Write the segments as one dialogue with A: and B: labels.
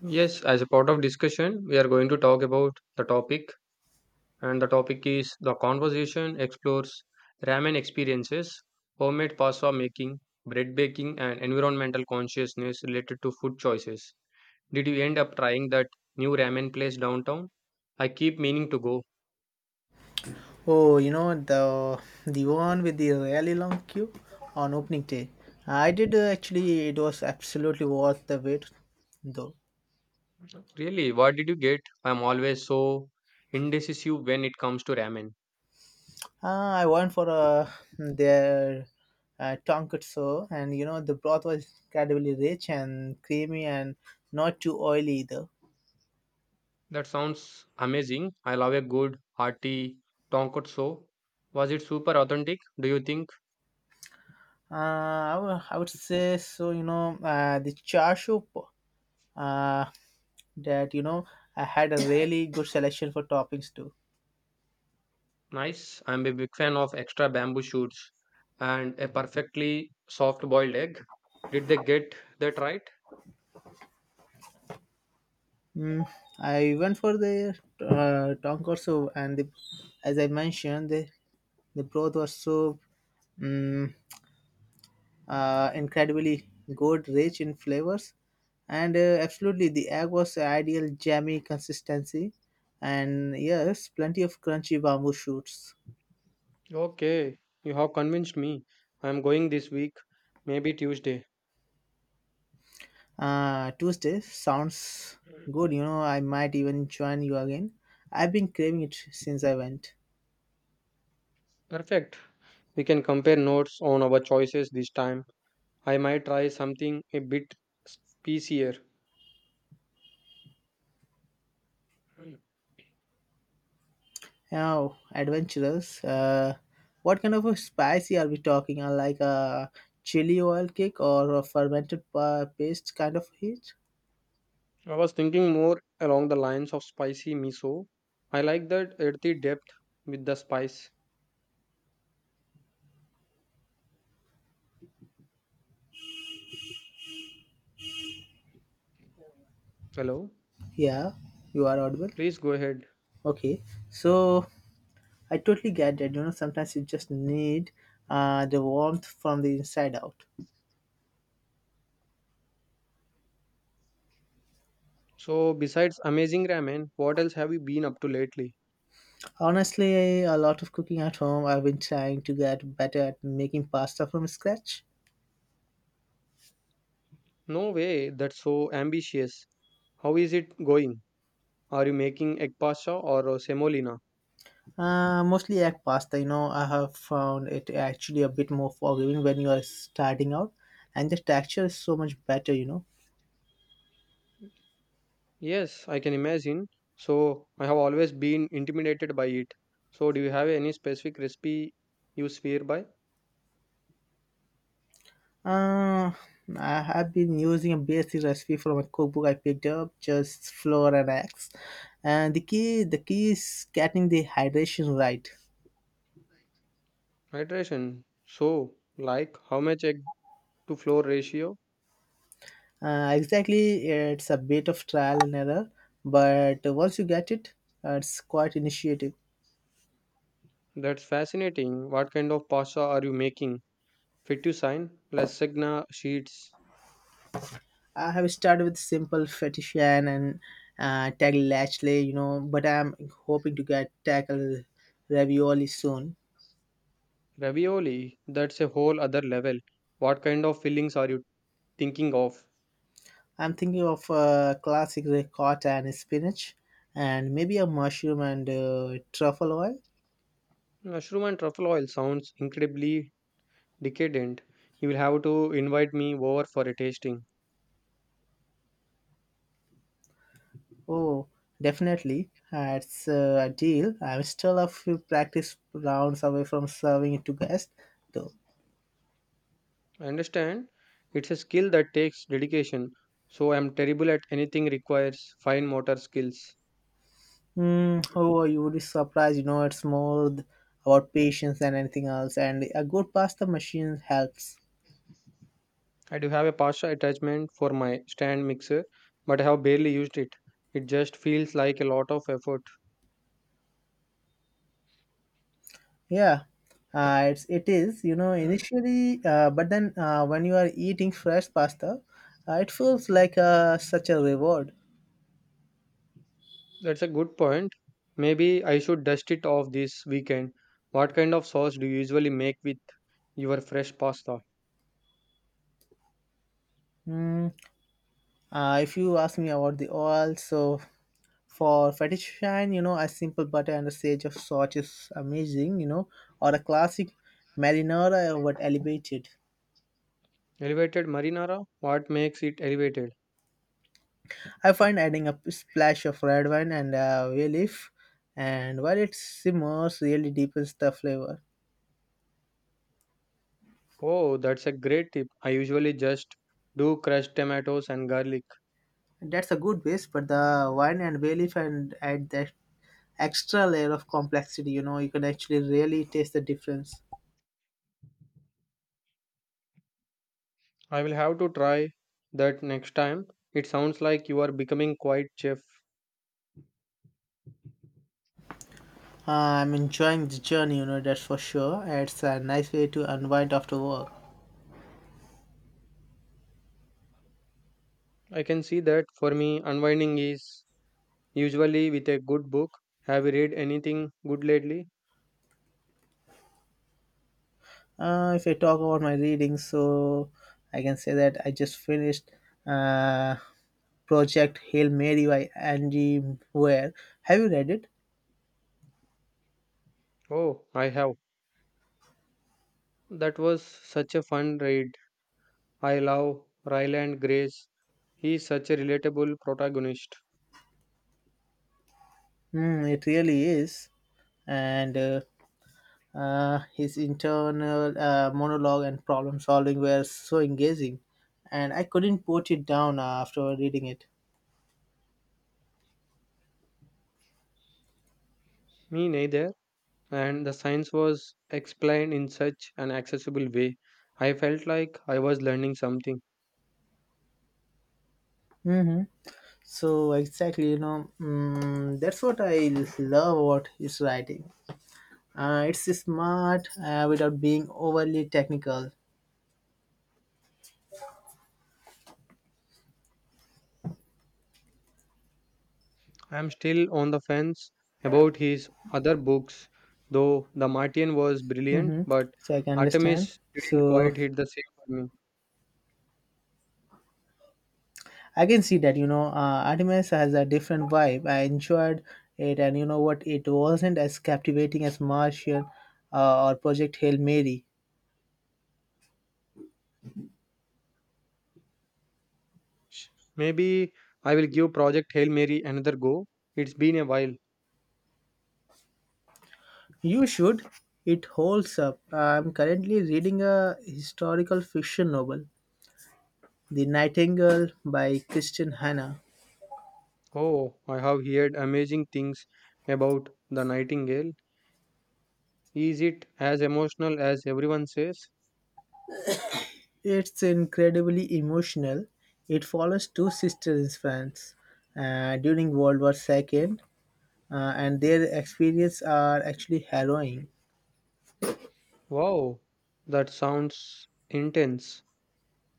A: Yes, as a part of discussion, we are going to talk about the topic, and the topic is the conversation explores ramen experiences, homemade pasta making, bread baking, and environmental consciousness related to food choices. Did you end up trying that new ramen place downtown? I keep meaning to go.
B: Oh, you know the one with the really long queue on opening day. I did actually. It was absolutely worth the wait, though.
A: Really, what did you get? I'm always so indecisive when it comes to ramen.
B: I went for their tonkatsu, and you know the broth was incredibly rich and creamy, and not too oily either.
A: That sounds amazing. I love a good hearty tonkotsu. Was it super authentic? Do you think?
B: I would say so. You know the char siu, uh, that I had a really good selection for toppings too.
A: Nice. I'm a big fan of extra bamboo shoots and a perfectly soft boiled egg. Did they get that right?
B: Mm, I went for the tank and the, as I mentioned, the broth was so mm incredibly good, rich in flavors, and absolutely the egg was the ideal jammy consistency, and yes, plenty of crunchy bamboo shoots.
A: Okay, you have convinced me. I am going this week, maybe Tuesday.
B: Tuesday sounds good, you know. I might even join you again. I've been craving it since I went.
A: Perfect. We can compare notes on our choices this time. I might try something a bit spicier.
B: Oh, adventurous. What kind of a spicy are we talking? Like a chili oil cake or a fermented paste kind of heat?
A: I was thinking more along the lines of spicy miso. I like that earthy depth with the spice. Hello,
B: Yeah, you are audible.
A: please go ahead.
B: Okay, so I totally get that. You know, sometimes you just need the warmth from the inside out.
A: So, besides amazing ramen, what else have you been up to lately?
B: Honestly, a lot of cooking at home. I've been trying to get better at making pasta from scratch.
A: No way, that's so ambitious. How is it going? Are you making egg pasta or semolina?
B: Mostly egg pasta. You know, I have found it actually a bit more forgiving when you are starting out, and the texture is so much better.
A: Yes, I can imagine. So, I have always been intimidated by it. So, do you have any specific recipe you swear by?
B: uh, I have been using a basic recipe from a cookbook I picked up, just flour and eggs, and the key is getting the hydration right.
A: Hydration. So, like how much egg to flour ratio?
B: Exactly, it's a bit of trial and error, but once you get it, it's quite initiative.
A: That's fascinating. What kind of pasta are you making? Fettuccine, lasagna sheets,
B: I have started with simple fetishian and tag Lashley, you know, but I'm hoping to get tackle ravioli soon.
A: Ravioli, that's a whole other level. What kind of fillings are you thinking of?
B: I'm thinking of classic ricotta and spinach, and maybe a mushroom and truffle oil.
A: Mushroom and truffle oil sounds incredibly decadent. You will have to invite me over for a tasting.
B: Oh, definitely, that's a deal. I'm still a few practice rounds away from serving it to guests, though.
A: I understand. It's a skill that takes dedication, so I'm terrible at anything requires fine motor skills.
B: Mm, oh, you would be surprised. You know, it's more about patience than anything else, and a good pasta machine helps.
A: I do have a pasta attachment for my stand mixer, but I have barely used it. It just feels like a lot of effort.
B: Yeah, it is. You know, initially, but then when you are eating fresh pasta, it feels like such a reward.
A: That's a good point. Maybe I should dust it off this weekend. What kind of sauce do you usually make with your fresh pasta?
B: Mm, if you ask me about the oil, so for fettuccine, you know, a simple butter and a sage of salt is amazing. You know, or a classic marinara, but elevated.
A: Elevated marinara? What makes it elevated?
B: I find adding a splash of red wine and a bay leaf, and while it simmers, really deepens the flavor.
A: Oh, that's a great tip. I usually just do crushed tomatoes and garlic.
B: That's a good base, but the wine and bay leaf and add that extra layer of complexity. You know, you can actually really taste the difference.
A: I will have to try that next time. It sounds like you are becoming quite chef.
B: I'm enjoying the journey. You know, that's for sure. It's a nice way to unwind after work.
A: I can see that for me, unwinding is usually with a good book. Have you read anything good lately?
B: If I talk about my reading, so I can say that I just finished. Uh, project Hail Mary by Angie Ware. Have you read it?
A: Oh, I have. That was such a fun read. I love Ryland Grace. He's such a relatable protagonist.
B: Mm, it really is. And his internal monologue and problem solving were so engaging, and I couldn't put it down after reading it.
A: Me neither. And the science was explained in such an accessible way. I felt like I was learning something.
B: hmm So exactly, you know, that's what I love about his writing. It's smart without being overly technical.
A: I'm still on the fence about his other books, though The Martian was brilliant,
B: hmm
A: but
B: So I can understand.
A: Artemis didn't
B: So
A: quite hit the same for me.
B: I can see that, you know, Artemis has a different vibe. I enjoyed it, and you know what? It wasn't as captivating as Martian or Project Hail Mary.
A: Sh- Maybe I will give Project Hail Mary another go. It's been a while.
B: You should. It holds up. I'm currently reading a historical fiction novel, The Nightingale by Christian Hanna.
A: Oh, I have heard amazing things about The Nightingale. Is it as emotional as everyone says?
B: It's incredibly emotional. It follows two sisters in France during World War II, and their experiences are actually harrowing.
A: Wow, that sounds intense.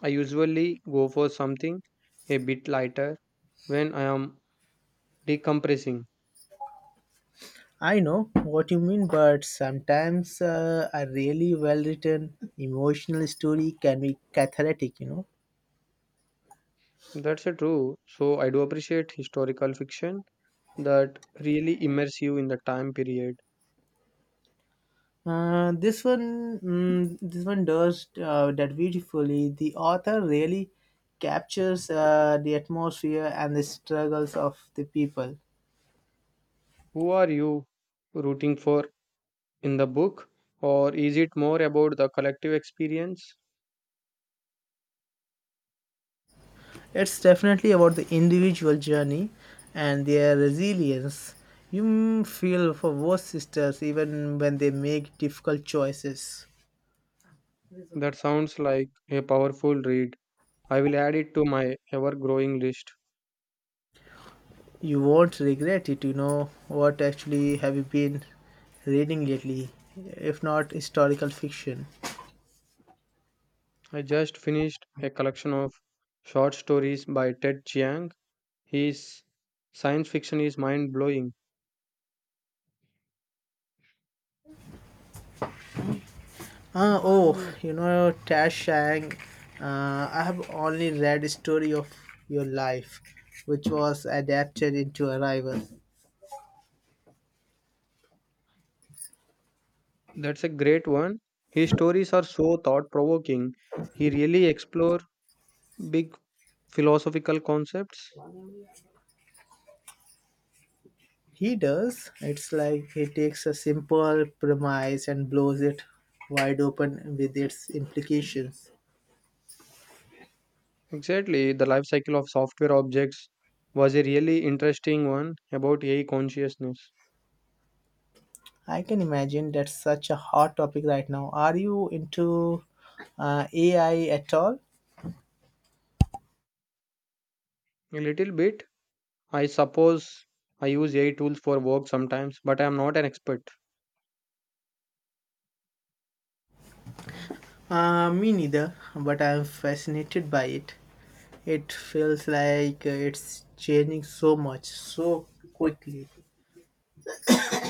A: I usually go for something a bit lighter when I am decompressing.
B: I know what you mean, but sometimes a really well written emotional story can be cathartic, you know.
A: That's a true. So I do appreciate historical fiction that really immerse you in the time period.
B: This one, this one does that beautifully. The author really captures the atmosphere and the struggles of the people.
A: Who are you rooting for in the book? Or is it more about the collective experience?
B: It's definitely about the individual journey and their resilience. You feel for both sisters even when they make difficult choices.
A: That sounds like a powerful read. I will add it to my ever growing list.
B: You won't regret it, you know. What actually have you been reading lately, if not historical fiction?
A: I just finished a collection of short stories by Ted Chiang. His science fiction is mind blowing.
B: Ah, oh, you know, Tash Shang, I have only read Story of Your Life, which was adapted into Arrival.
A: That's a great one. His stories are so thought provoking. He really explore big philosophical concepts.
B: He does. It's like he takes a simple premise and blows it wide open with its implications.
A: Exactly, the life cycle of software objects was a really interesting one about AI consciousness.
B: I can imagine that's such a hot topic right now. Are you into AI at all?
A: A little bit, I suppose I use AI tools for work sometimes, but I am not an expert.
B: Me neither, but I'm fascinated by it. It feels like it's changing so much, so quickly.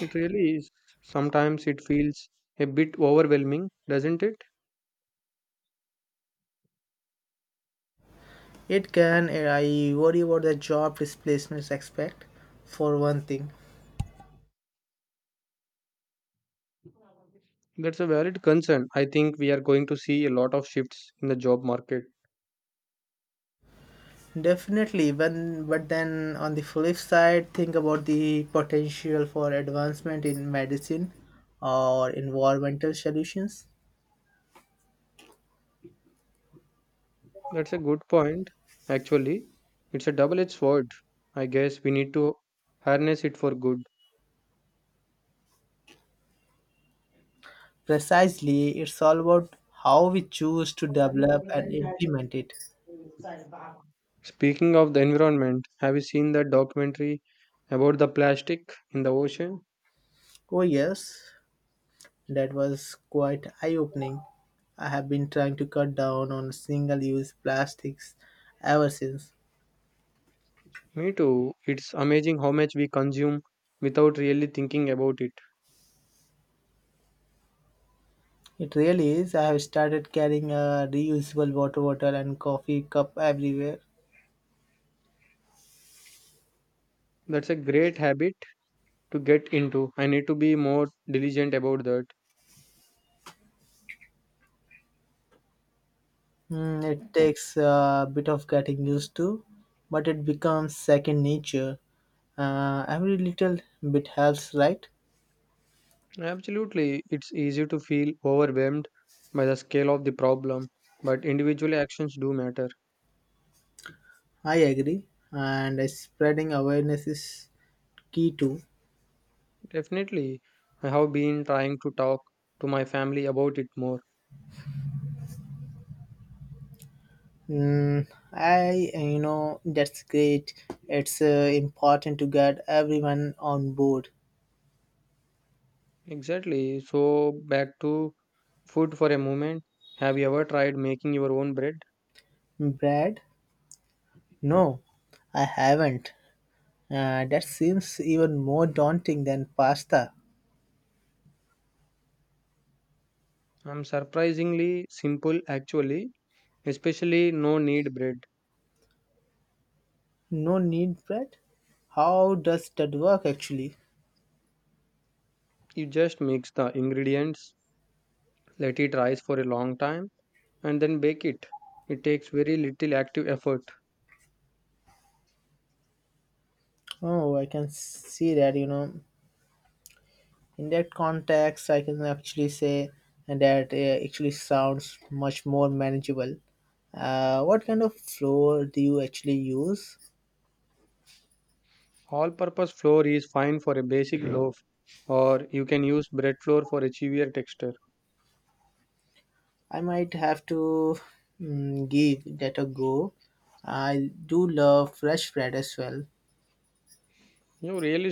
A: It really is. Sometimes it feels a bit overwhelming, doesn't it?
B: It can, I worry about the job displacements aspect, for one thing.
A: That's a valid concern. I think we are going to see a lot of shifts in the job market.
B: Definitely, when, but then on the flip side, think about the potential for advancement in medicine or environmental solutions.
A: That's a good point. Actually, it's a double edged sword. I guess we need to harness it for good.
B: Precisely, it's all about how we choose to develop and implement it.
A: Speaking of the environment, have you seen that documentary about the plastic in the ocean?
B: Oh, yes, that was quite eye opening. I have been trying to cut down on single use plastics ever since.
A: Me too. It's amazing how much we consume without really thinking about it.
B: It really is. I have started carrying a reusable water bottle and coffee cup everywhere.
A: That's a great habit to get into. I need to be more diligent about that.
B: Mm, it takes a bit of getting used to, but it becomes second nature. Every little bit helps, right?
A: Absolutely, it's easy to feel overwhelmed by the scale of the problem, but individual actions do matter.
B: I agree, and spreading awareness is key too.
A: Definitely, I have been trying to talk to my family about it more.
B: Mm, that's great. It's important to get everyone on board.
A: Exactly. So, back to food for a moment. Have you ever tried making your own bread?
B: Brad? No, I haven't. That seems even more daunting than pasta.
A: I'm surprisingly simple actually, especially no need bread.
B: No need bread? How does that work actually?
A: You just mix the ingredients, let it rise for a long time and then bake it. It takes very little active effort.
B: Oh, I can see that, you know. In that context I can actually say that actually sounds much more manageable. Uh, what kind of floor do you actually use?
A: All purpose flour is fine for a basic loaf, or you can use bread flour for a chewier texture.
B: I might have to give that a go. I do love fresh bread as well.
A: You really